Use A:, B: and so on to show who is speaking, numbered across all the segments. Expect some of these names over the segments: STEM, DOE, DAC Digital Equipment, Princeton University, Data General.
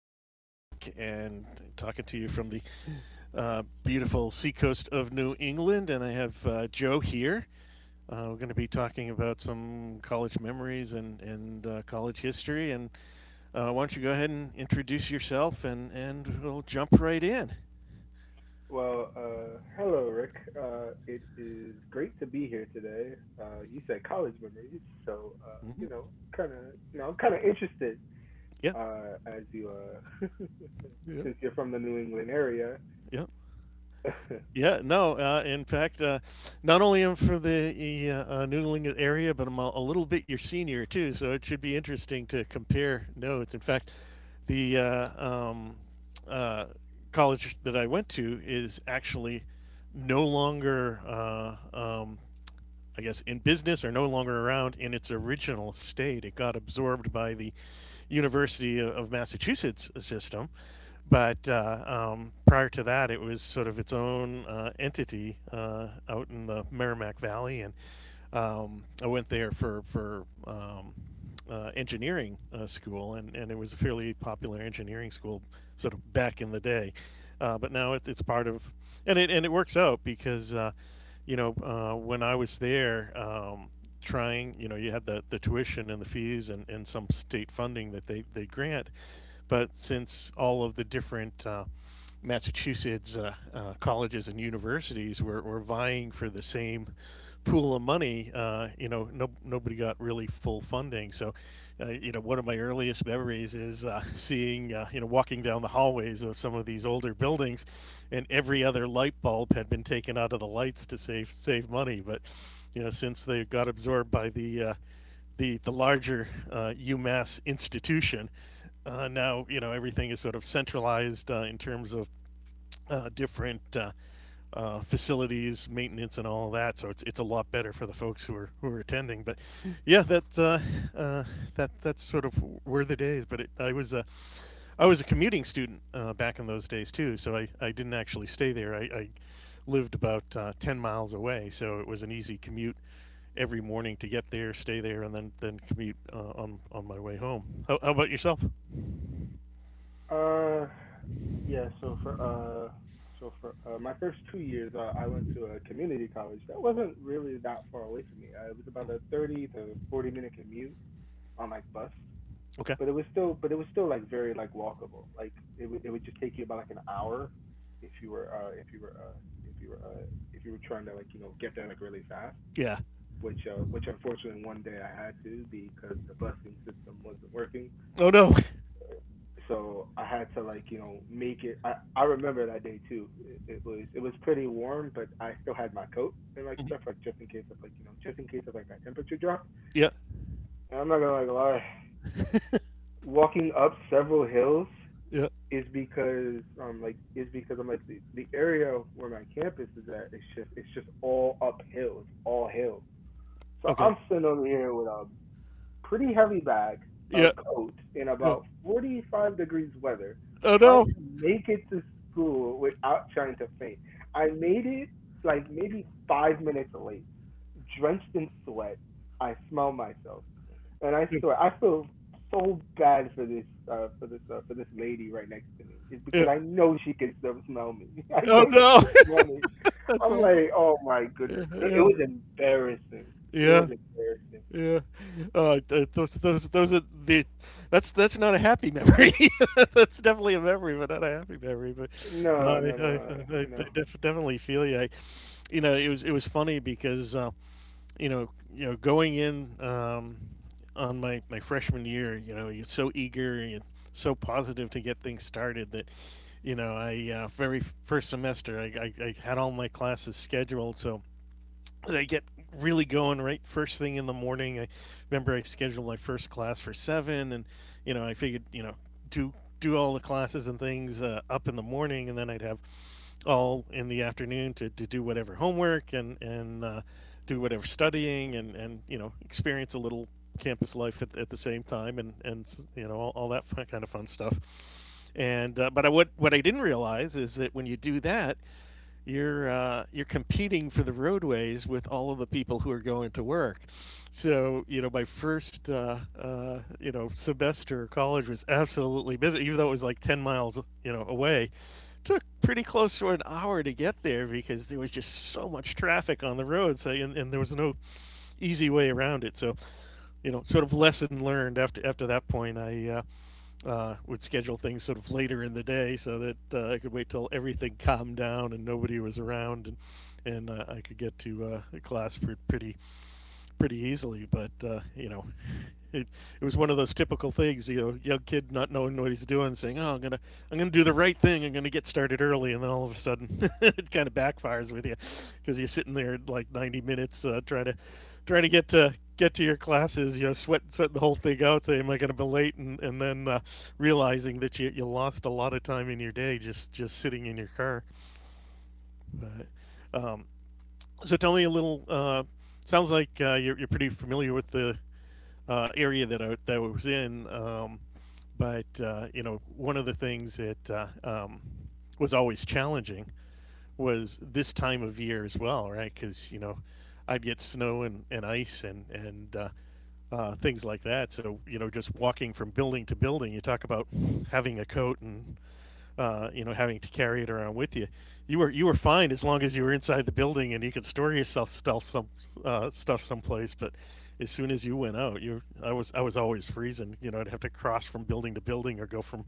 A: is Rick, and I'm talking to you from the beautiful seacoast of New England. And I have Joe here. We're going to be talking about some college memories and college history. And Why don't you go ahead and introduce yourself, and we'll jump right in.
B: Well, hello, Rick. It is great to be here today. You said college memories, so
A: Hmm.
B: kind of, I'm kind of interested
A: Yeah,
B: as you,
A: yeah,
B: since you're from the New England area.
A: yeah. Yeah, no. In fact, not only am for the New England area, but I'm a little bit your senior too, so it should be interesting to compare notes. In fact, the uh, college that I went to is actually no longer, I guess, in business or no longer around in its original state. It got absorbed by the University of Massachusetts system, but prior to that, it was sort of its own entity out in the Merrimack Valley, and I went there for engineering school, and it was a fairly popular engineering school sort of back in the day. But now it's part of, and it works out because when I was there, trying you know you had the tuition and the fees and some state funding that they grant, but since all of the different Massachusetts colleges and universities were vying for the same pool of money. You know, no, Nobody got really full funding. So, one of my earliest memories is seeing, walking down the hallways of some of these older buildings, and every other light bulb had been taken out of the lights to save money. But, you know, since they got absorbed by the larger UMass institution, now you know everything is sort of centralized in terms of different facilities, maintenance, and all of that. So it's a lot better for the folks who are attending. But yeah, that's sort of where the days. I was a commuting student back in those days too. So I didn't actually stay there. I lived about 10 miles away, so it was an easy commute every morning to get there, stay there, and then commute on on my way home. How about yourself?
B: uh, yeah. So for my first 2 years, I went to a community college that wasn't really that far away from me. It was about a 30 to 40 minute commute on my bus.
A: Okay.
B: But it was still like very like walkable. Like it would just take you about like an hour if you were uh if you were uh if you were uh if you were trying to like get there like really fast.
A: Yeah.
B: Which unfortunately one day I had to because the busing system wasn't working.
A: Oh no.
B: So I had to like make it. I remember that day too. It was pretty warm, but I still had my coat and like stuff like just in case of like just in case of like that temperature drop.
A: Yeah.
B: And I'm not gonna like lie, walking up several hills
A: Yeah.
B: is because like is because I'm like the area where my campus is at it's just all uphill. It's all hill. So
A: Okay.
B: I'm sitting over here with a pretty heavy bag, a
A: Yeah,
B: coat, in
A: yeah.
B: about 45 degrees weather,
A: Oh,
B: trying
A: no.
B: to make it to school without trying to faint. I made it like maybe 5 minutes late, drenched in sweat. I smell myself. And I swear, I feel so bad for this for this for this lady right next to me. It's
A: Yeah.
B: because I know she can still smell me. I
A: Oh,
B: know
A: no.
B: she can smell me.
A: That's
B: I'm
A: awful.
B: like, oh my
A: Yeah,
B: goodness, it
A: yeah,
B: was embarrassing. It was
A: yeah,
B: embarrassing.
A: yeah. Those are the. That's not a happy memory. That's definitely a memory, but not a happy memory. But no,
B: No, no, no,
A: I, I
B: no,
A: definitely feel you. You know, it was funny because going in on my freshman year, you know, you're so eager and so positive to get things started that you know, I very first semester, I had all my classes scheduled, so that I get really going right first thing in the morning. I remember I scheduled my first class for seven, and you know, I figured, you know, do do all the classes and things up in the morning, and then I'd have all in the afternoon to do whatever homework and do whatever studying and you know experience a little campus life at the same time and you know all that fun, kind of fun stuff and but I, what I didn't realize is that when you do that, you're competing for the roadways with all of the people who are going to work. So you know, my first you know semester of college was absolutely busy, even though it was like 10 miles you know away took pretty close to an hour to get there because there was just so much traffic on the road so and there was no easy way around it so you know sort of lesson learned after after that point I would schedule things sort of later in the day so that I could wait till everything calmed down and nobody was around and I could get to class pretty pretty easily. But you know, it, it was one of those typical things, you know, young kid not knowing what he's doing, saying, "Oh, I'm gonna do the right thing. I'm gonna get started early," and then all of a sudden, it kind of backfires with you because you're sitting there like 90 minutes trying to get to your classes, you know, sweat the whole thing out, say, "Am I gonna be late?" and then realizing that you lost a lot of time in your day just sitting in your car. But, um, so tell me a little. Sounds like you're pretty familiar with the area that that I was in. But You know, one of the things that was always challenging was this time of year as well, right? Because you know, I'd get snow and ice and things like that. So you know, just walking from building to building, you talk about having a coat and you know, having to carry it around with you. You were fine as long as you were inside the building and you could store yourself stuff some stuff someplace. But as soon as you went out, you I was always freezing. You know, I'd have to cross from building to building or go from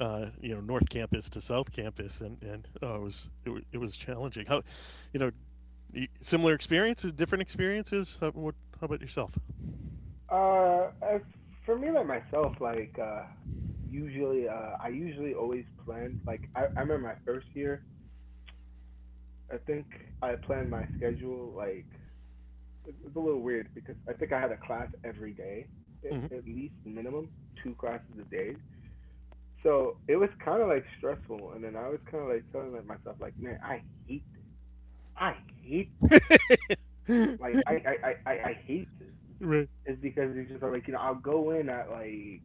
A: you know North Campus to South Campus, and oh, it was it was challenging. How, you know, similar experiences, different experiences. How, what, how about yourself?
B: no. As for me, like myself, like usually, I usually always planned. Like I remember my first year. I think I planned my schedule like it's a little weird because I think I had a class every day, at
A: Hmm.
B: least minimum two classes a day. So it was kind of like stressful, and then I was kind of like telling like myself like, man, I hate this. I hate this. Like I hate this.
A: Right.
B: It's because it's just like I'll go in at like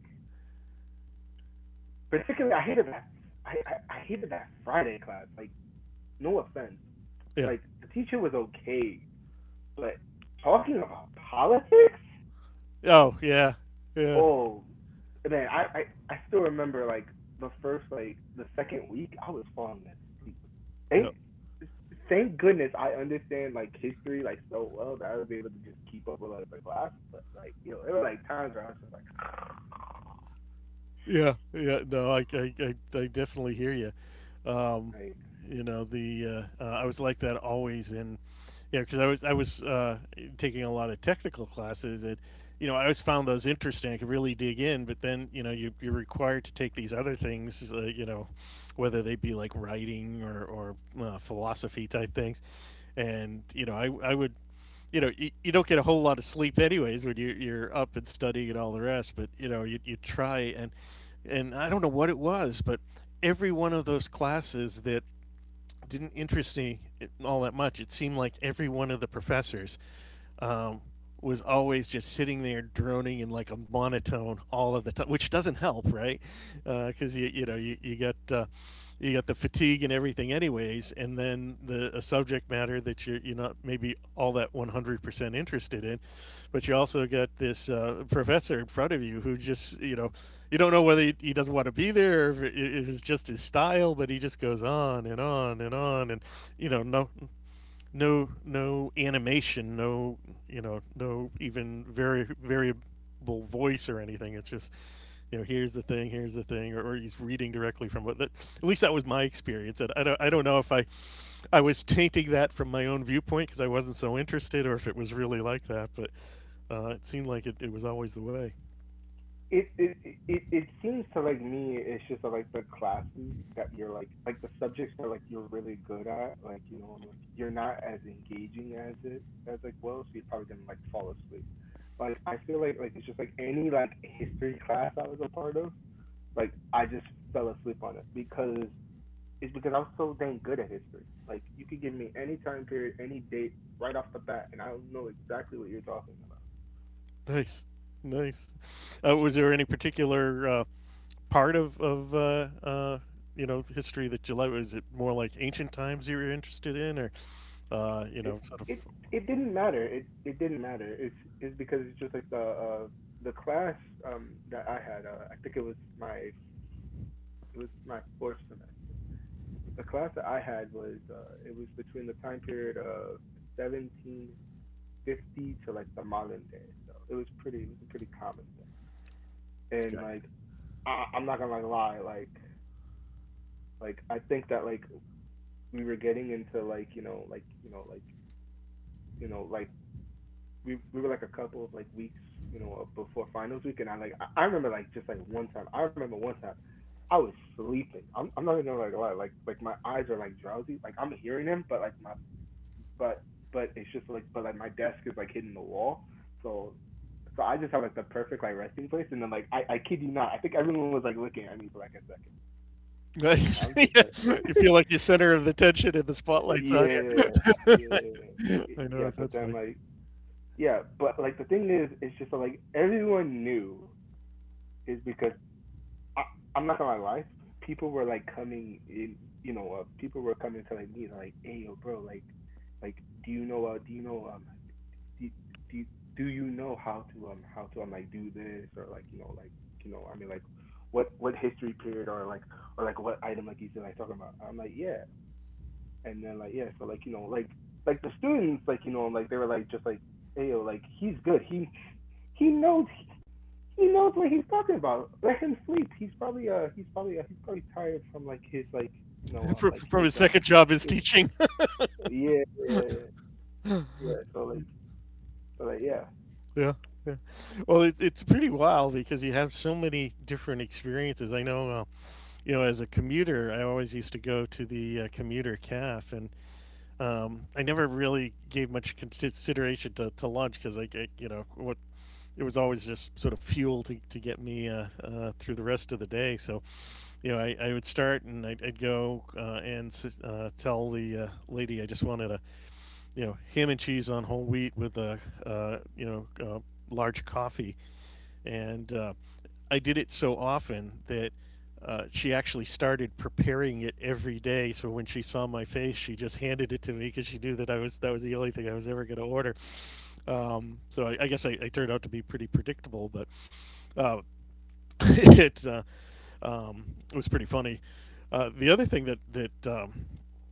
B: particularly I hated that Friday class. Like no offense,
A: Yeah.
B: like the teacher was okay, but talking about politics.
A: Oh yeah. Yeah.
B: Oh man, I still remember like the first like the second week I was falling asleep.
A: Yeah.
B: Thank thank goodness I understand like history like so well that I was able to just keep up with other class. But like there were like times where I was just
A: Yeah, yeah, no, I definitely hear you. Um,
B: like
A: you know, the I was like that always in, you know, because I was taking a lot of technical classes and, you know, I always found those interesting. I could really dig in, but then you know you you're required to take these other things, you know, whether they be like writing or philosophy type things, and you know I would you know you don't get a whole lot of sleep anyways when you you're up and studying and all the rest but you know you try and and I don't know what it was but every one of those classes that didn't interest me all that much it seemed like every one of the professors um, was always just sitting there droning in like a monotone all of the time, which doesn't help, right? Because you got the fatigue and everything, anyways, and then the a subject matter that you're not maybe all that 100% interested in, but you also got this professor in front of you who just you know you don't know whether he doesn't want to be there or if it's just his style, but he just goes on and on and on, and you know no animation, no you know no even very variable voice or anything. It's just you know here's the thing, or he's reading directly from what. That, at least that was my experience. And I don't know if I I was tainting that from my own viewpoint because I wasn't so interested, or if it was really like that. But it seemed like it was always the way.
B: it it it seems to like me it's just like the classes that you're like the subjects that like you're really good at like I'm like you're not as engaging as it as like well so you're probably gonna like fall asleep like I feel like it's just like any like history class I was a part of like I just fell asleep on it because it's because I'm so dang good at history like you could give me any time period any date right off the bat and I'll know exactly what you're talking about.
A: Nice, nice. Was there any particular part of you know history that you like? Is it more like ancient times you were interested in, or you
B: it
A: know, sort of?
B: it it didn't matter. It didn't matter. It's because it's just like the class that I had. I think it was my fourth semester. The class that I had was it was between the time period of 1750 to like the modern day. So it was a pretty common thing.
A: Okay.
B: And like I'm not gonna like lie like I think that like we were getting into like you know like we were like a couple of like weeks, you know, before finals week, and I like I remember like just like one time. I remember one time I was sleeping. I'm not even gonna like lie. Like my eyes are like drowsy. Like I'm hearing him, but but it's just like but like my desk is like hitting the wall, so. So I just have like the perfect like resting place, and then like I kid you not, I think everyone was like looking at me for like a second.
A: Nice.
B: I'm just
A: Yeah.
B: like,
A: You feel like you're center of the attention and the spotlight's on
B: yeah,
A: you.
B: yeah,
A: I know
B: yeah.
A: what
B: But
A: that's
B: then
A: like.
B: like, yeah, but like the thing is, it's just like everyone knew is because I, I'm not gonna lie, people were like coming in, you know, people were coming to like me and like, hey yo, bro, like, like, do you know, do you know, do, do do you know how to like do this or like I mean like what history period or like what item like you said like talking about I'm like yeah and then like yeah so like the students like you know like they were like just like hey yo like he's good he knows he knows what he's talking about. Let him sleep. He's probably tired from like his like like
A: From
B: his
A: his second job is
B: his
A: teaching.
B: yeah yeah yeah,
A: Yeah,
B: yeah. Yeah
A: yeah. Well, it, it's pretty wild because you have so many different experiences. I know, you know, as a commuter, I always used to go to the commuter caf, and um, I never really gave much consideration to lunch because you know, what it was always just sort of fuel to get me through the rest of the day. So, you know, I would start and I'd go and tell the lady I just wanted a, you know, ham and cheese on whole wheat with a, uh, you know, uh, large coffee and I did it so often that she actually started preparing it every day. So when she saw my face, she just handed it to me because she knew that I was that was the only thing I was ever going to order. So I guess I turned out to be pretty predictable, but uh, it um, was pretty funny. The other thing that that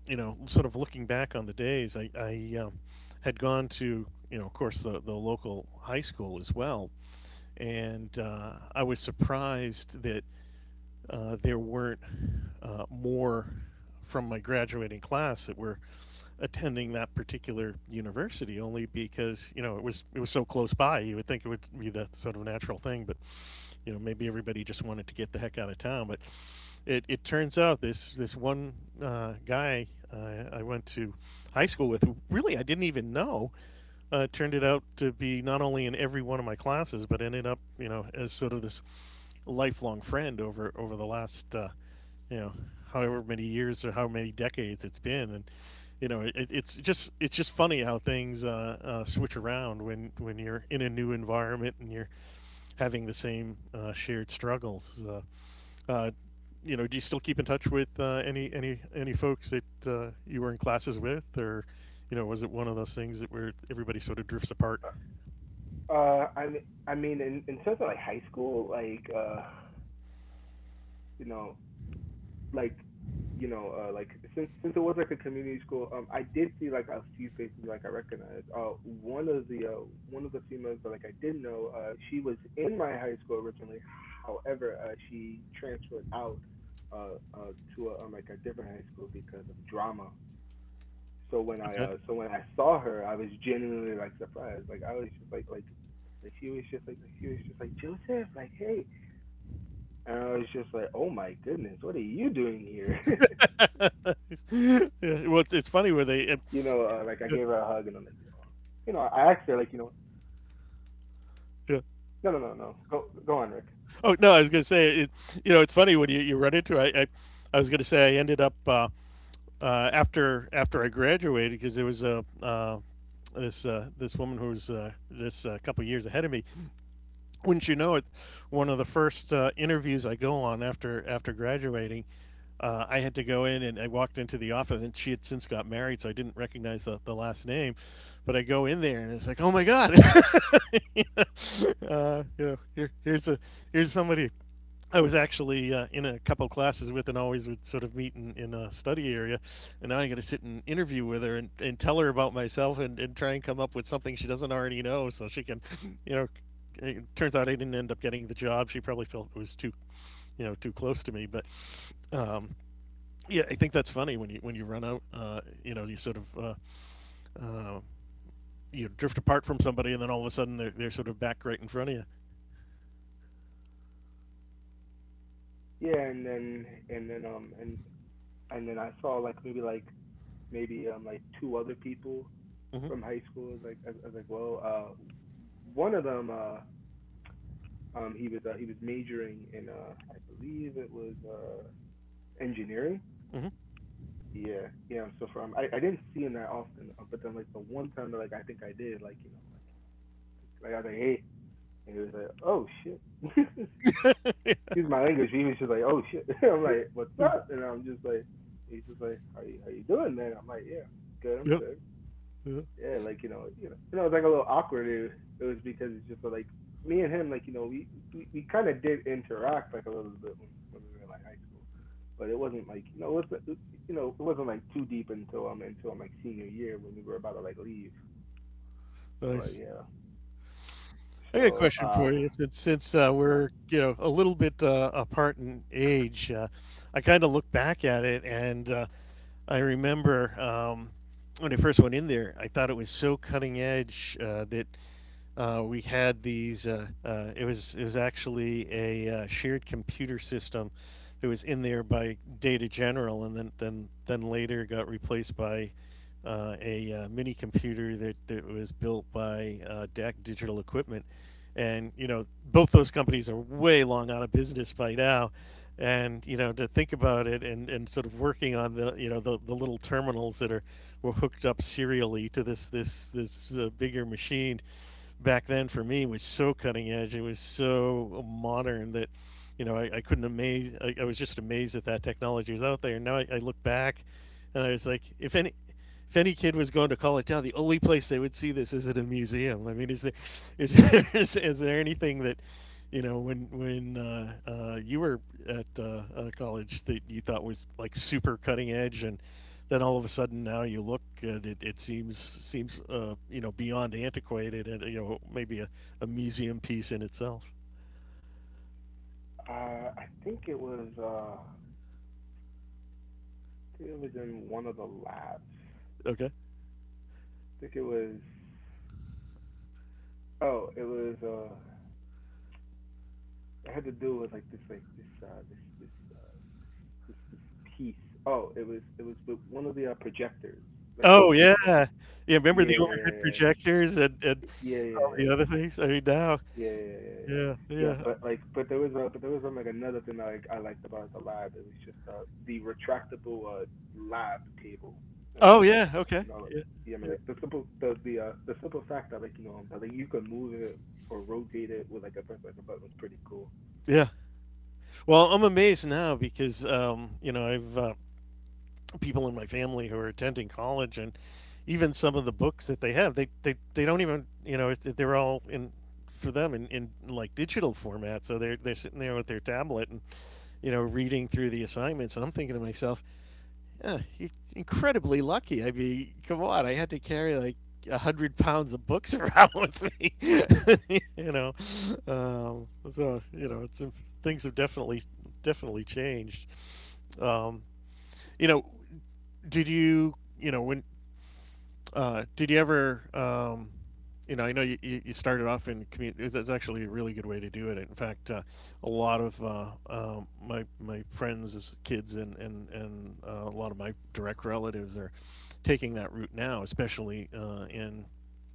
A: you know, sort of looking back on the days, I had gone to, you know, of course, the local high school as well, and I was surprised that there weren't more from my graduating class that were attending that particular university, only because, you know, it was, it was so close by, you would think it would be the sort of natural thing. But you know, maybe everybody just wanted to get the heck out of town. But it turns out this one guy I went to high school with, who really I didn't even know, turned it out to be not only in every one of my classes, but ended up, you know, as sort of this lifelong friend over over the last you know, however many years or how many decades it's been. And you know, it's just, it's just funny how things switch around when you're in a new environment and you're having the same shared struggles. Uh, you know, do you still keep in touch with any any folks that you were in classes with, or, you know, was it one of those things that where everybody sort of drifts apart?
B: uh I mean I mean in terms of like high school like you know like you know like since it was like a community school, I did see like a few faces like I recognized one of the females that like I did know. She was in my high school originally, however she transferred out uh to a, like a different high school because of drama. so when i
A: Okay.
B: uh so when I saw her I was genuinely like surprised, like I was just like she was just she was just like Joseph, like hey. And I was just like, oh my goodness, what are you doing here? Like
A: Yeah,
B: I
A: well
B: gave
A: it's,
B: her
A: it's
B: a
A: funny
B: hug
A: where
B: and then like,
A: they. Yeah,
B: I asked her like, you know. No, no,
A: yeah.
B: no, no, go, go on, Rick.
A: Oh no, I was gonna say, you know, it's funny when you run into it. I I was gonna say I ended up after after I graduated, because there was a. This this woman who was this couple years ahead of me. Wouldn't you know it? One of the first interviews I go on after after graduating, I had to go in and I walked into the office, and she had since got married, so I didn't recognize the last name. But I go in there and it's like, oh my god, you know, here's a here's somebody I was actually in a couple classes with, and always would sort of meet in a study area. And now I'm going to sit and interview with her and tell her about myself and try and come up with something she doesn't already know, so she can, you know. It turns out I didn't end up getting the job. She probably felt it was too, you know, too close to me. But um, yeah, I think that's funny when you run out, you know, you sort of uh, you drift apart from somebody, and then all of a sudden they're sort of back right in front of you.
B: Yeah, and then I saw like maybe like two other people
A: Mm-hmm.
B: from high school. Like I was like, well, one of them he was majoring in I believe it was engineering.
A: Mm-hmm.
B: Yeah, yeah. So I didn't see him that often, but then like the one time that like I think I did, like I was like, hey, and he was like, oh shit. Excuse
A: Yeah.
B: my language. He was just like, "Oh shit!" I'm like, "What's up?" And I'm just like, he's just like, How you doing, man?" I'm like, "Yeah, I'm good. I'm
A: Yeah.
B: good."
A: Yeah.
B: Yeah, like you know, it's like a little awkward. It was because it's just so, like me and him, like we kind of did interact like a little bit when we were like high school, but it wasn't like it was not it wasn't like too deep until like senior year when we were about to like leave. So like
A: Nice.
B: yeah,
A: I got a
B: so
A: question
B: uh
A: for you. Since since
B: yeah,
A: we're, you know, a little bit apart in age, I kind of look back at it and I remember when I first went in there, I thought it was so cutting edge that we had these. It was, it was actually a shared computer system that was in there by Data General, and then then later got replaced by a mini computer that, that was built by DAC Digital Equipment, and you know, both those companies are way long out of business by now. And you know, to think about it, and sort of working on the, you know, the little terminals that are were hooked up serially to this this bigger machine, back then for me was so cutting edge. It was so modern that, you know, I couldn't amaze. I was just amazed that that technology was out there. And now I look back, and I was like, if any. If any kid was going to college town, the only place they would see this is at a museum. I mean, is, there, is there anything that, you know, when you were at college that you thought was like super cutting edge, and then all of a sudden now you look and it seems you know, beyond antiquated, and you know, maybe a museum piece in itself?
B: I think it was in one of the labs.
A: Okay.
B: Think it was Oh, it was it had to do with like uh this piece. Oh, it was with one of the projectors. Like,
A: Oh yeah,
B: I'm like
A: yeah, remember
B: yeah,
A: the overhead
B: yeah, yeah.
A: projectors and
B: Yeah, yeah,
A: all the
B: yeah.
A: other things. I mean, now.
B: Yeah, yeah, yeah, yeah. Yeah.
A: Yeah,
B: Yeah,
A: yeah.
B: but like, but there was a, but there was like another thing that like I liked about the lab. It was just the retractable lab cable, and
A: Oh
B: like,
A: yeah. Okay.
B: you know,
A: Yeah.
B: yeah, I
A: Yeah,
B: mean, like the simple fact that like that like you can move it or rotate it with like a press like a button was pretty cool.
A: yeah. Well, I'm amazed now, because you know, I've people in my family who are attending college, and even some of the books that they have, they don't even, you know, they're all in for them in like digital format, so they're sitting there with their tablet and you know, reading through the assignments, and I'm thinking to myself, yeah, he's incredibly lucky. I mean, come on, I had to carry like 100 pounds of books around with me, you know. um, so you know, it's things have definitely definitely changed. um, you know, did you, you know, when. Did you ever, you know, I know you started off in community. That's actually a really good way to do it. In fact, a lot of my my friends' kids and a lot of my direct relatives are taking that route now, especially in.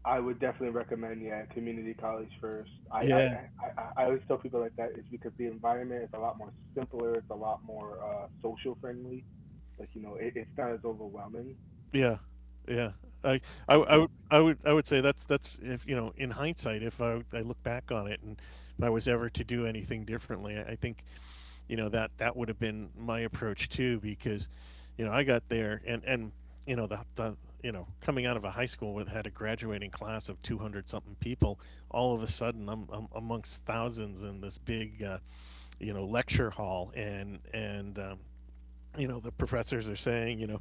B: I would definitely recommend, yeah, community college first. I I I,
A: Yeah.
B: I I always tell people like that is because the environment is a lot more simpler. It's a lot more social friendly. Like it's not as overwhelming.
A: Yeah, yeah. I, I, w- I
B: Yeah.
A: would I would I would say that's, if you know, in hindsight, if I look back on it, and if I was ever to do anything differently, I think, you know, that that would have been my approach too, because you know, I got there, and you know, the you know, coming out of a high school with, had a graduating class of 200 something people, all of a sudden I'm amongst thousands in this big you know, lecture hall, and you know, the professors are saying, you know,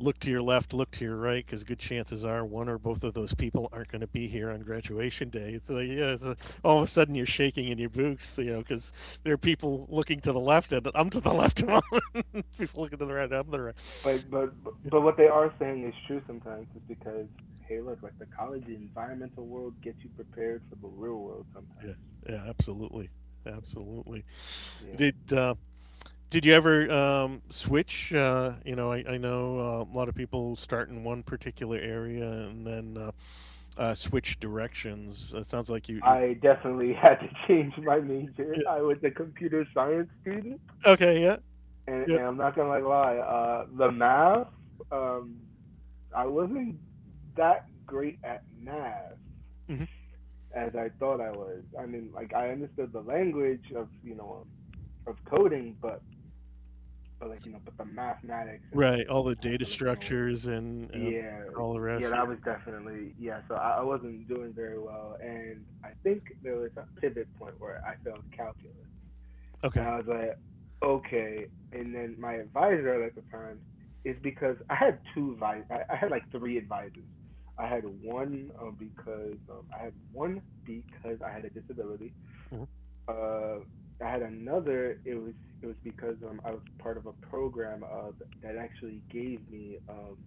A: look to your left, look to your right, because good chances are one or both of those people aren't going to be here on graduation day. It's like, yeah, it's like, all of a sudden you're shaking in your boots, you know, because there are people looking to the left, and I'm to the left, people looking to the right, I'm to the right.
B: But but but what they are saying is true sometimes is because hey look like the college the environmental world gets you prepared for the real world
A: Yeah,
B: sometimes.
A: yeah, absolutely, absolutely.
B: Yeah.
A: Did uh, did you ever switch? You know, I know a lot of people start in one particular area and then switch directions. It sounds like you.
B: I definitely had to change my major.
A: Yeah.
B: I was a computer science student
A: Okay. Yeah.
B: and,
A: Yeah.
B: and I'm not gonna like lie, the math, um I wasn't that great at math
A: Mhm.
B: as I thought I was. I mean like I understood the language of, of coding, but like but the mathematics and like
A: Right, all the
B: and how
A: data
B: to like
A: structures
B: yeah,
A: and all the
B: yeah,
A: rest. Yeah.
B: that was definitely yeah. So I wasn't doing very well, and I think there was a pivot point where I failed calculus,
A: Okay.
B: and I was like, okay. And then my advisor at the time is because I had I had like three advisors. I had one because I had one because I had a disability.
A: Hmm.
B: Uh, I had another. It was because I was part of a program that actually gave me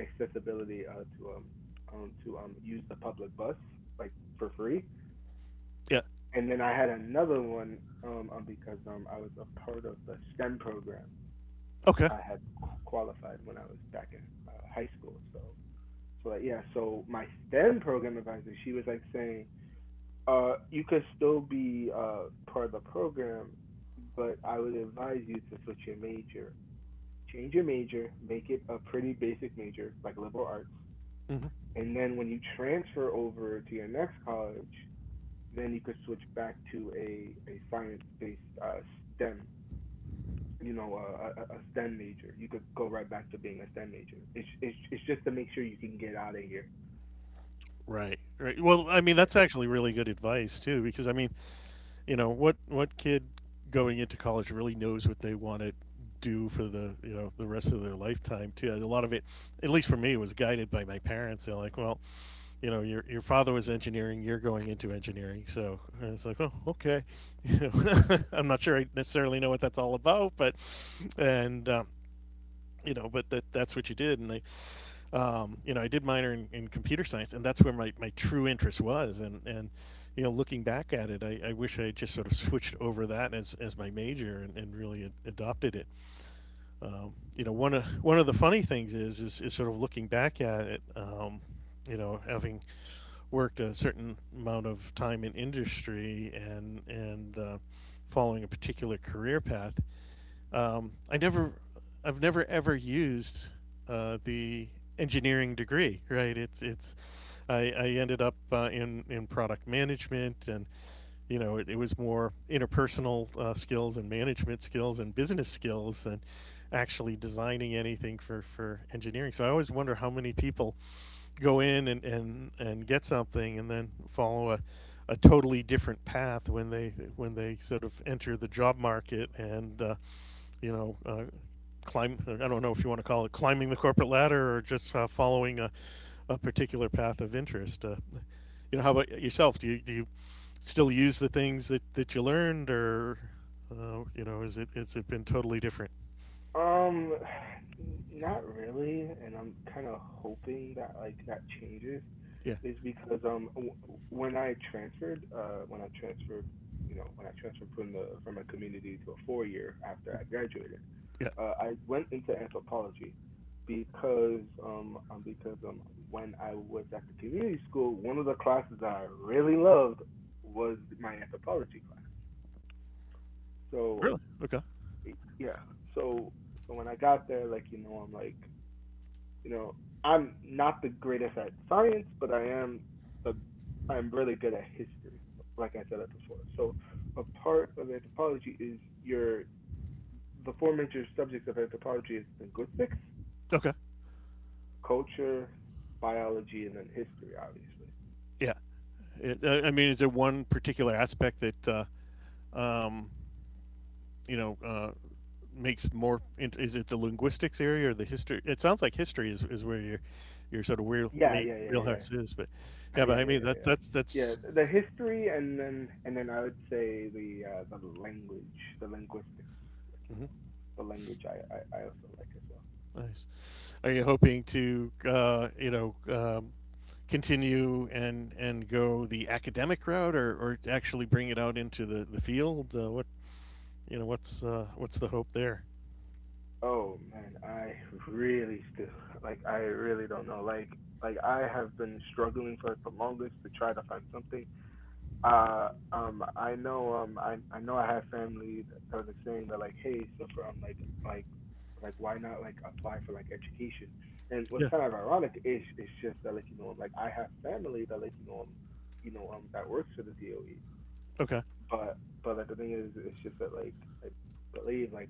B: accessibility to use the public bus like for free.
A: Yeah.
B: And then I had another one, because I was a part of the STEM program.
A: Okay.
B: I had qualified when I was back in high school. So like, yeah. So my STEM program advisor, she was like saying you could still be part of the program, but I would advise you to switch your major. Change your major, make it a pretty basic major like liberal arts,
A: Hmm.
B: and then when you transfer over to your next college, then you could switch back to a science-based STEM, you know, STEM major. You could go right back to being a STEM major. It's just to make sure you can get out of here.
A: Right. Right. Well, I mean,
B: Yeah.
A: that's actually really good advice too, because I mean, you know, what kid going into college really knows what they want to do for the, you know, the rest of their lifetime too? A lot of it, at least for me, was guided by my parents. They're like, well, you know, your father was engineering, you're going into engineering, so. And it's like, oh, okay. You know, I'm not sure I necessarily know what that's all about, but. And you know, but that, that's what you did. And I you know, I did minor in computer science, and that's where my true interest was. And, you know, looking back at it, I wish I had just sort of switched over that as my major and really ad- adopted it. You know, one of the funny things is, is sort of looking back at it, you know, having worked a certain amount of time in industry and, and following a particular career path, I never, I've never ever used the engineering degree. Right? It's it's. I ended up in product management, and you know, it was more interpersonal skills and management skills and business skills than actually designing anything for engineering. So I always wonder how many people go in and get something and then follow a totally different path when they sort of enter the job market and you know, uh, climb. I don't know if you want to call it climbing the corporate ladder or just following a particular path of interest. How about yourself? Do you still use the things that you learned, or is it has it been totally different?
B: Um, Not really, and I'm kind of hoping that like that changes,
A: Yeah,
B: is because when I transferred you know when I transferred from the from a community to a 4 year after I graduated,
A: yeah.
B: I went into anthropology because when I was at the community school, one of the classes that I really loved was my anthropology class. So
A: Really? Okay,
B: y- yeah, so so when I got there, like you know, I'm like you know, I'm not the greatest at science, but I am the I'm really good at history, like I said it before. So a part of anthropology is your the four major subjects of anthropology is linguistics,
A: okay,
B: culture, biology, and then history, obviously.
A: yeah. I mean, is there one particular aspect that um, you know, uh, makes more. Is it the linguistics area or the history? It sounds like history is where your sort of wheel
B: Yeah,
A: main
B: yeah, yeah, yeah. Yeah,
A: wheelhouse is. But yeah, but I mean
B: yeah, yeah,
A: that
B: yeah.
A: that's
B: Yeah,
A: that's
B: the history and then I would say the language, the linguistics, like you know,
A: Mhm.
B: the language I also like as well.
A: Nice. Are you hoping to continue and go the academic route or actually bring it out into the field? What what's the hope there?
B: Oh man, I really still like I really don't know. Like I have been struggling for like the longest to try to find something. I know I know I have family that was saying that like hey so for like like why not like apply for like education? And what's
A: Yeah.
B: kind of ironic is it's just that like you know, like I have family that like you know that works for the DOE.
A: Okay.
B: But but like the thing is it's just that like I believe like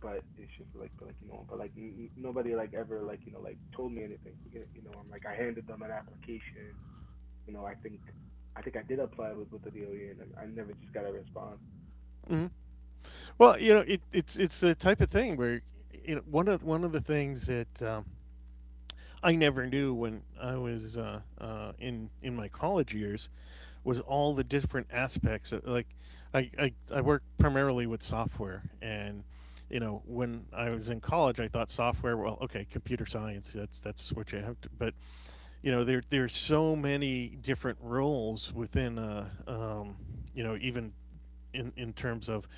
B: but it's just like, but like you know, but like nobody like ever like you know like told me anything. You know, I'm like I handed them an application. You know, I think I think I did apply with the DOE, and I never just got a response.
A: Hmm. Well, you know, it's the type of thing where you know one of the things that I never knew when I was in my college years was all the different aspects. Of, like, I work primarily with software, and you know, when I was in college, I thought software. Well, okay, computer science. That's what you have to. But you know, there's so many different roles within. Even in terms of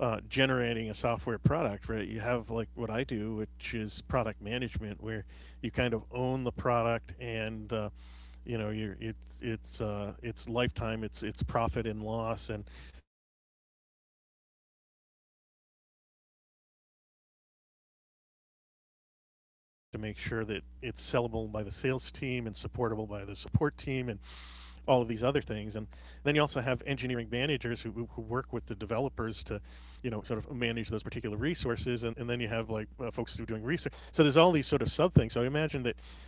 A: generating a software product, right? You have like what I do, which is product management, where you kind of own the product, and you know, you it's lifetime, it's profit and loss, and you have to manage what they're developing in engineering, but you have to make sure that it's sellable by the sales team and supportable by the support team, and all of these other things. And then you also have engineering managers who work with the developers to, you know, sort of manage those particular resources. And then you have like folks who are doing research. So there's all these sort of sub things. So I imagine that,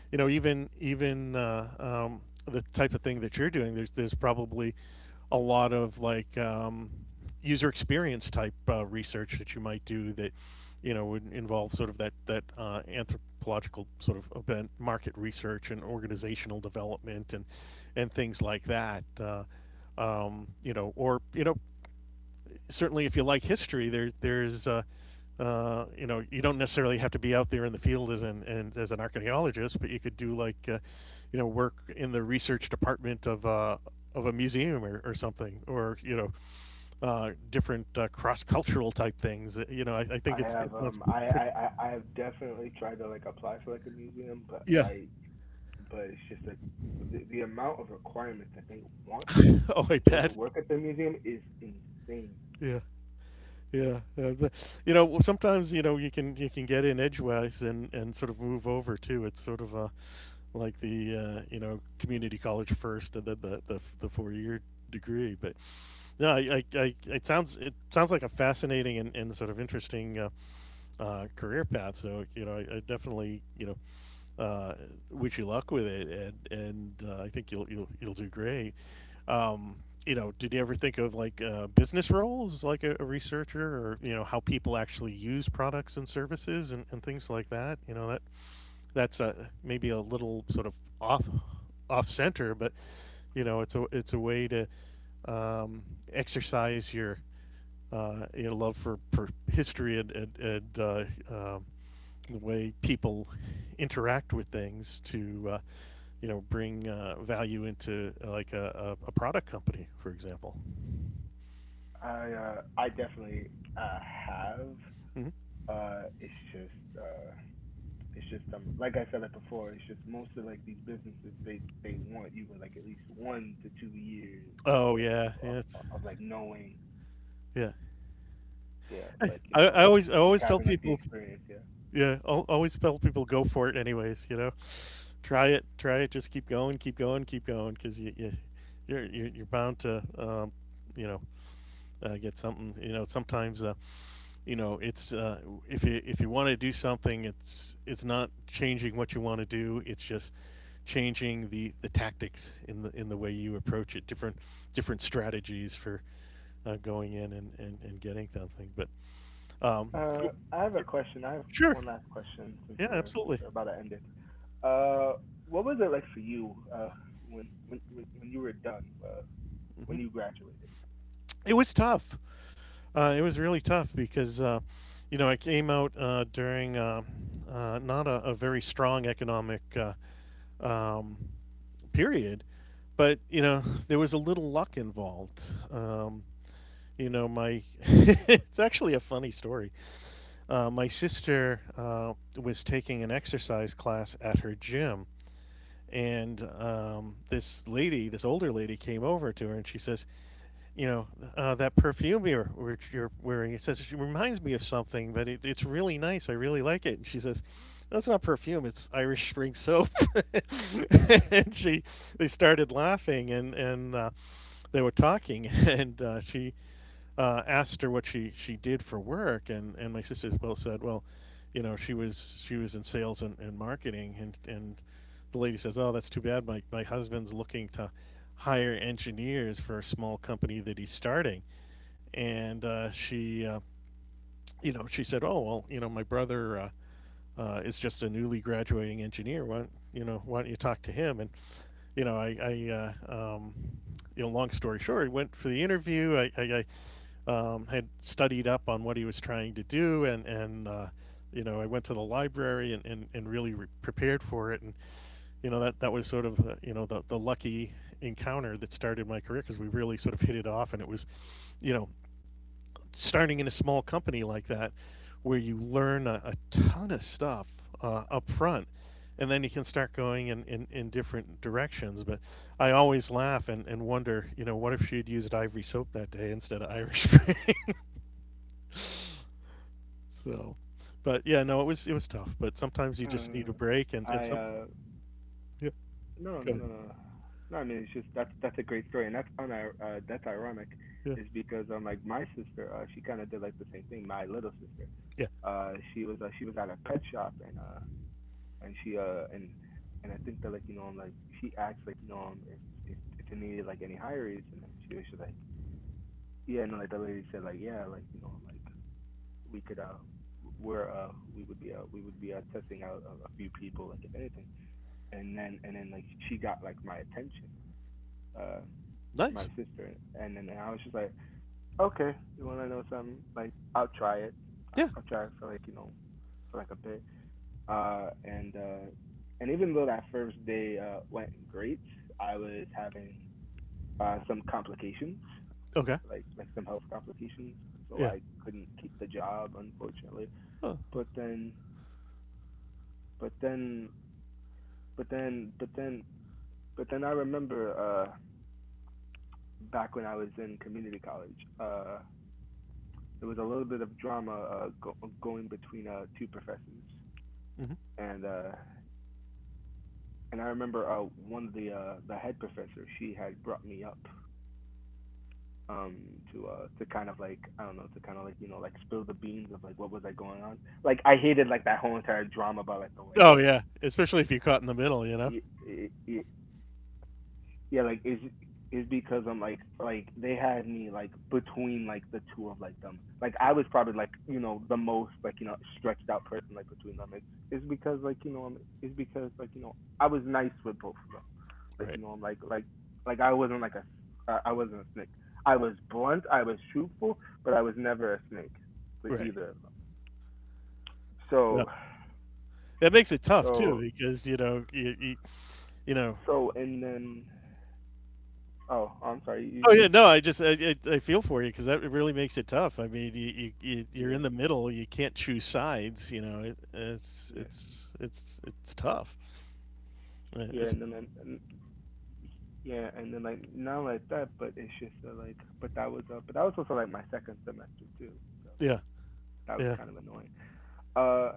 A: you know, even even the type of thing that you're doing, there's probably a lot of like user experience type research that you might do that you know would involve sort of that that anthropological sort of event market research and organizational development and things like that or you know certainly if you like history there's you know, you don't necessarily have to be out there in the field as an and as an archaeologist, but you could do like, you know, work in the research department of a museum or something, or you know, different cross cultural type things. You know, I
B: I
A: think it
B: have
A: sounds pretty.
B: I've definitely tried to like apply for like a museum, but
A: Yeah.
B: like but it's just like the amount of requirements that they want
A: Oh, I
B: to just
A: bet.
B: work at the museum is insane.
A: Yeah. Yeah, but, you know, sometimes you know you can get in edgewise and sort of move over too. It's sort of like the you know community college first and then the 4-year degree. But no, it sounds like a fascinating and sort of interesting career path. So you know, I definitely you know uh, wish you luck with it, and I think you'll do great. Um, you know, did you ever think of like business roles, like a researcher, or you know how people actually use products and services and things like that? You know, that's maybe a little sort of off off center, but you know it's a way to um, exercise your love for history and um the way people interact with things to you know bring value into like a product company, for example.
B: I definitely uh have
A: Hmm.
B: it's just It's just, like I said it before. It's just most of like these businesses they want you with like at least 1 to 2 years of
A: Oh
B: like you
A: yeah,
B: know
A: yeah, it's,
B: of like knowing
A: yeah.
B: yeah of, like you know
A: I
B: like
A: always tell
B: having like the
A: people.
B: experience yeah.
A: Yeah, I'll always tell people go for it anyways. You know. Try it, try it. Just keep going, keep going, keep going, because you're bound to you know get something. You know sometimes it's if you want to do something, it's not changing what you want to do. It's just changing the tactics in the way you approach it. Different strategies for going in and getting something. But so
B: I have a question. I have
A: sure.
B: one last question
A: Yeah,
B: since
A: absolutely.
B: we're about to end it. Uh, what was it like for you when you were done when you
A: Hmm.
B: graduated?
A: It was tough. It was really tough because, you know, I came out during not a very strong economic um, period, but you know, there was a little luck involved. Um, you know, my it's actually a funny story. My sister was taking an exercise class at her gym. And this lady, this older lady, came over to her and she says, you know, that perfume which you're wearing. He says, she reminds me of something, but it's really nice. I really like it. And she says, no, it's not perfume. It's Irish Spring soap. and she, they started laughing and they were talking. And she asked her what she did for work, and my sister said, well, you know, she was in sales and marketing, and the lady says, oh, that's too bad. My husband's looking to hire engineers for a small company that he's starting, and she she said, oh well, you know, my brother is just a newly graduating engineer. Why, you know, why don't you talk to him? And you know, I you know, long story short, I went for the interview. I had studied up on what he was trying to do, and you know I went to the library and really prepared for it, and you know that was sort of the, you know the lucky encounter that started my career because we really sort of hit it off, and it was, you know, starting in a small company like that, where you learn a ton of stuff up front and then you can start going in different directions. But I always laugh and wonder, you know, what if she had used ivory soap that day instead of Irish spring? So, but yeah, no, it was tough. But sometimes you just need
B: Uh,
A: a break, and
B: I
A: some yeah,
B: No, no,
A: good.
B: no, no. No, no, I mean it's just that's a great story, and that's unir that's ironic,
A: Yeah,
B: is because like my sister she kind of did like the same thing. My little sister,
A: yeah.
B: she was at a pet shop and she and I think that like you know, like she asked like you know if they needed like any hires and then she was just like yeah no like the lady said like yeah like you know like we could uh we're uh we would be testing out a few people like if anything and then like she got like my attention uh my
A: Nice.
B: sister, and then and I was just like, okay, you want to know something? Like, I'll try it.
A: Yeah,
B: I'll try it for like you know for like a bit. Uh, and uh, and even though that first day went great, I was having some complications,
A: okay.
B: like some health complications, so
A: Yeah,
B: I couldn't keep the job unfortunately.
A: oh.
B: But then, but then, but then, but then, but then I remember uh back when I was in community college, there was a little bit of drama going between two professors,
A: Hmm.
B: and uh, and I remember one of the head professor she had brought me up um to kind of like I don't know to kind of like you know like spill the beans of like what was that going on. Like I hated like that whole entire drama, by like the way
A: Oh
B: like
A: yeah, especially if you're caught in the middle, you know.
B: it, it, it, yeah, is because I'm like they had me like between like the two of like them. Like I was probably like you know the most like you know stretched out person like between them. It's because like you know I'm it's because like you know I was nice with both of them. Like
A: Right,
B: you know I'm like I wasn't like a I wasn't a snake. I was blunt. I was truthful, but I was never a snake with
A: right.
B: either of them.
A: Yeah,
B: So
A: that makes it tough too
B: so
A: because you know you know.
B: and then oh I'm sorry
A: Oh
B: you
A: yeah, no, I just I feel for you because that really makes it tough. I mean, you're in
B: yeah
A: the middle, you can't choose sides. You know, it, it's
B: yeah
A: it's it's it's tough.
B: yeah
A: It's.
B: Yeah, and then like not like that, but it's just like, but that was also like my second semester too, so
A: Yeah,
B: that was
A: yeah,
B: kind of annoying. Uh,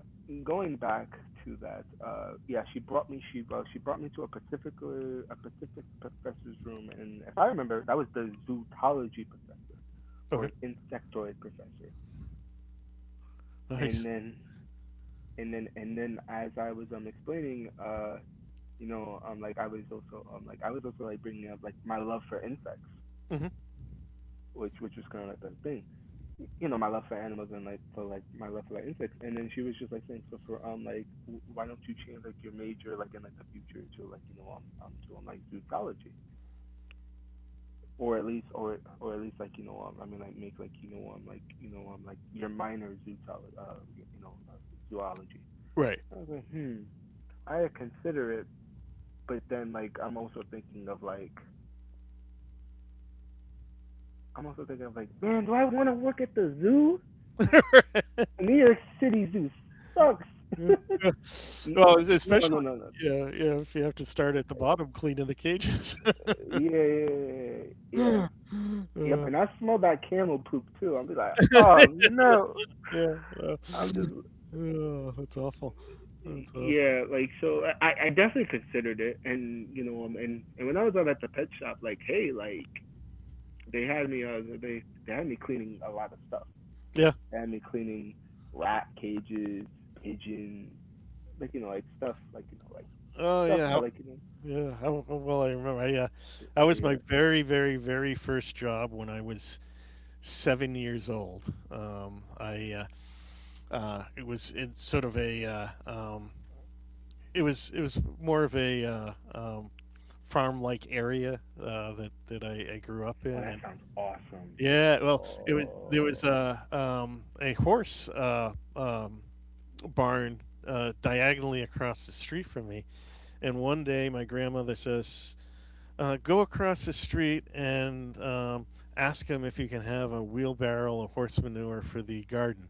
B: going back to that, yeah, she brought me to a particular a Pacific professor's room, and if I remember, that was the zootology professor or
A: okay.
B: an insectoid professor, and
A: Nice.
B: then and then as I was explaining, you know, like I was also like I was also like bringing up like my love for insects
A: Mm-hmm.
B: which was kind of like that thing. You know my love for animals and like for like my love for like insects and then she was just like saying so for like why don't you change like your major like in like the future to like you know to like zoology or at least or at least like you know, I mean like make like you know like you know like your minor zootology you know zoology
A: Right.
B: I was like hmm I consider it but then like I'm also thinking of like man do I want to work at the zoo New York City Zoo sucks.
A: Yeah.
B: N-
A: Well,
B: no, no,
A: especially
B: no, no,
A: yeah, yeah, if you have to start at the bottom cleaning the
B: Yeah,
A: cages.
B: yeah, yeah, yeah, yeah.
A: Uh,
B: Yep, and I smell that camel poop too. I'll be like, oh no.
A: yeah, well,
B: I'm just,
A: oh, that's awful. That's awful.
B: yeah, like so. I definitely considered it, and you know, and when I was out at the pet shop, like, hey, like they had me cleaning a lot of stuff.
A: Yeah.
B: They had me cleaning rat cages, pigeons, like you know, like stuff, like you know, like
A: Oh,
B: stuff
A: yeah.
B: that, like you know,
A: Yeah. How well I remember.
B: yeah.
A: That was my
B: Yeah.
A: very, very, very first job when I was 7 years old. I uh, it was it's sort of a uh, um, it was more of a farm like area that I grew up
B: Oh,
A: in,
B: that
A: and
B: sounds awesome.
A: yeah, well, it was there was
B: Oh.
A: a horse barn diagonally across the street from me, and one day my grandmother says, "Go across the street and ask him if you can have a wheelbarrow of horse manure for the garden."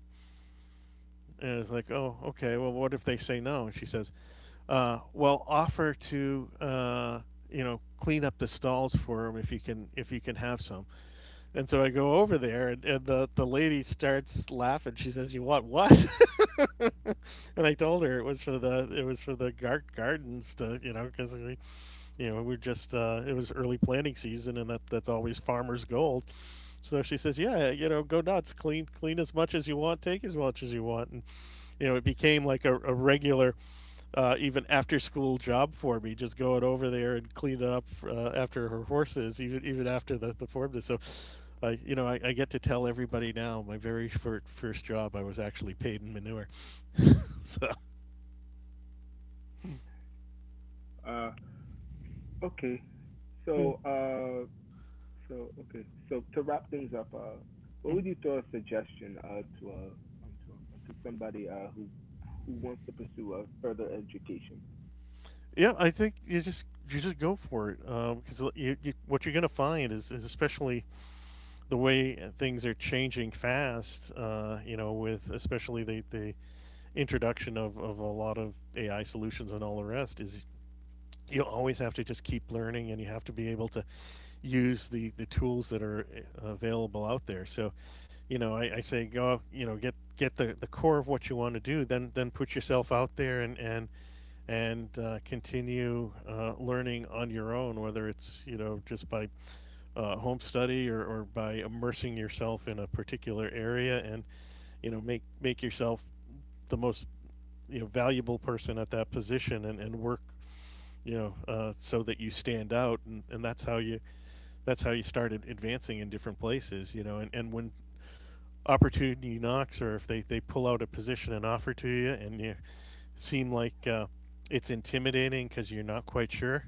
A: And I was like, "Oh, okay. Well, what if they say no?" And she says, well, offer to you know clean up the stalls for them if you can have some. And so I go over there, and the lady starts laughing. She says, "You want what?" And I told her it was for the gardens to you know because we you know we are just it was early planting season, and that's always farmers' gold. So she says, "Yeah, you know, go nuts, clean, clean as much as you want, take as much as you want." And you know, it became like a regular even after school job for me, just going over there and cleaning up after her horses, even after the form. So, I you know I get to tell everybody now my very first job I was actually paid in manure. So
B: uh, Okay.
A: yeah.
B: So, uh, so okay. So to wrap things up, what would you
A: Mhm.
B: throw a suggestion to somebody who wants to pursue a further education?
A: Yeah, I think you just go for it because what you're going to find is especially the way things are changing fast. You know, with especially the introduction of a lot of AI solutions and all the rest is you always have to just keep learning, and you have to be able to use the tools that are available out there. So you know, I say go, you know, get the core of what you want to do, then put yourself out there, and continue learning on your own, whether it's, you know, just by home study, or by immersing yourself in a particular area. And, you know, make yourself the most, you know, valuable person at that position, and work, so that you stand out, and that's how you, that's how you start advancing in different places, you know. And when opportunity knocks, or if they pull out a position and offer to you, and you seem like it's intimidating because you're not quite sure,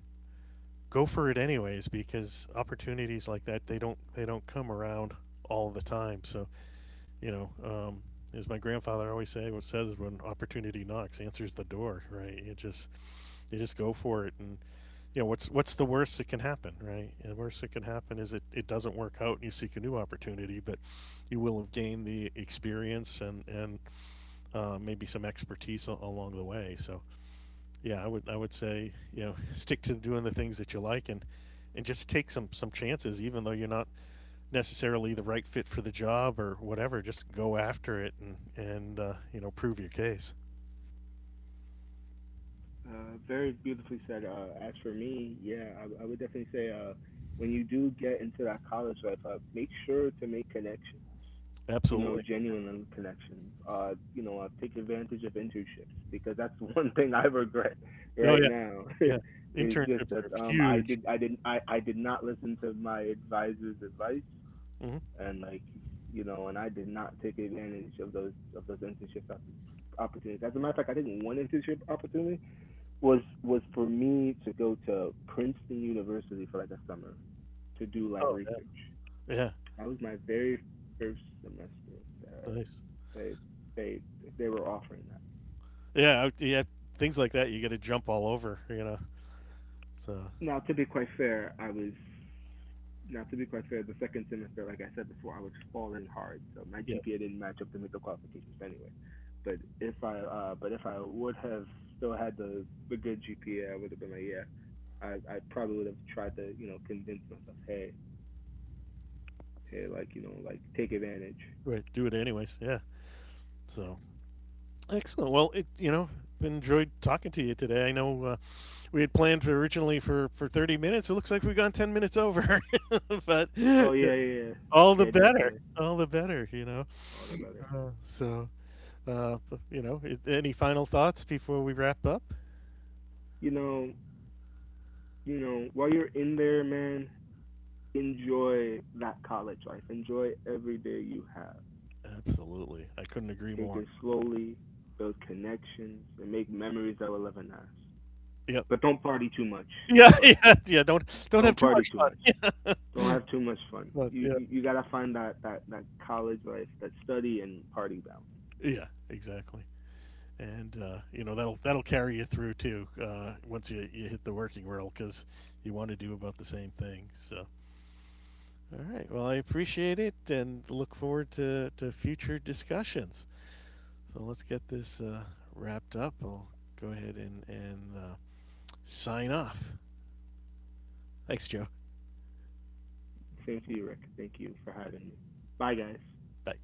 A: go for it anyways, because opportunities like that, they don't come around all the time. So, you know, um, as my grandfather always says, when opportunity knocks, answers the door, right? It just, you just go for it. And, you know, what's the worst that can happen? Right, the worst that can happen is it doesn't work out and you seek a new opportunity, but you will have gained the experience, and maybe some expertise along the way. So yeah, I would say, you know, stick to doing the things that you like. And just take some chances, even though you're not necessarily the right fit for the job or whatever, just go after it. And you know, prove your case.
B: Very beautifully said. As for me, yeah, I would definitely say when you do get into that college life, make sure to make connections. You know,
A: Absolutely.
B: genuine connections. Take advantage of internships because that's one thing I regret
A: Oh
B: right
A: yeah,
B: now.
A: yeah,
B: is just
A: internships
B: that
A: are
B: I
A: huge.
B: did, I didn't, I did not listen to my advisor's advice,
A: Hmm.
B: and like, you know, and I did not take advantage of those internships opportunities. As a matter of fact, I didn't want internship opportunities was for me to go to Princeton University for like a summer to do like
A: Oh
B: research.
A: yeah, yeah.
B: That was my very first semester that
A: Nice.
B: they they they were offering that.
A: Yeah, yeah, things like that you got to jump all over, you know. So
B: Now to be quite fair, I was now to be quite fair, the second semester, like I said before, I was falling hard, so my
A: yeah.
B: GPA didn't match up to meet the qualifications anyway. But if I would have still had the good GPA, I would have been like, yeah, I probably would have tried to you know convince myself, hey, Yeah, like, you know, like take advantage.
A: Right, do it anyways. Yeah.
B: Yeah.
A: So, excellent. Well, it, you know, enjoyed talking to you today. I know, we had planned for originally for 30 minutes. It looks like we've gone 10 minutes over, but yeah,
B: Oh yeah, yeah, yeah, Yeah, definitely.
A: all the better, you know.
B: All the better.
A: So uh, you know, any final thoughts before we wrap up?
B: You know, you know, while you're in there, man, enjoy that college life. Enjoy every day you have.
A: Absolutely, I couldn't agree
B: Take
A: more.
B: it slowly, build connections, and make memories that will live in us.
A: Yep.
B: But don't party too much.
A: Yeah,
B: Don't party.
A: yeah, yeah. Don't have
B: Don't
A: too
B: party
A: much
B: too much.
A: fun.
B: Don't have too much fun.
A: But, yeah.
B: You gotta find that, that college life, that study and party balance.
A: Yeah, exactly. And you know, that'll carry you through too, once you hit the working world, because you want to do about the same thing. So, all right, well, I appreciate it and look forward to future discussions. So let's get this wrapped up. I'll go ahead and sign off. Thanks, Joe.
B: Same to you, Rick. Thank you for having me. Bye, guys.
A: Bye.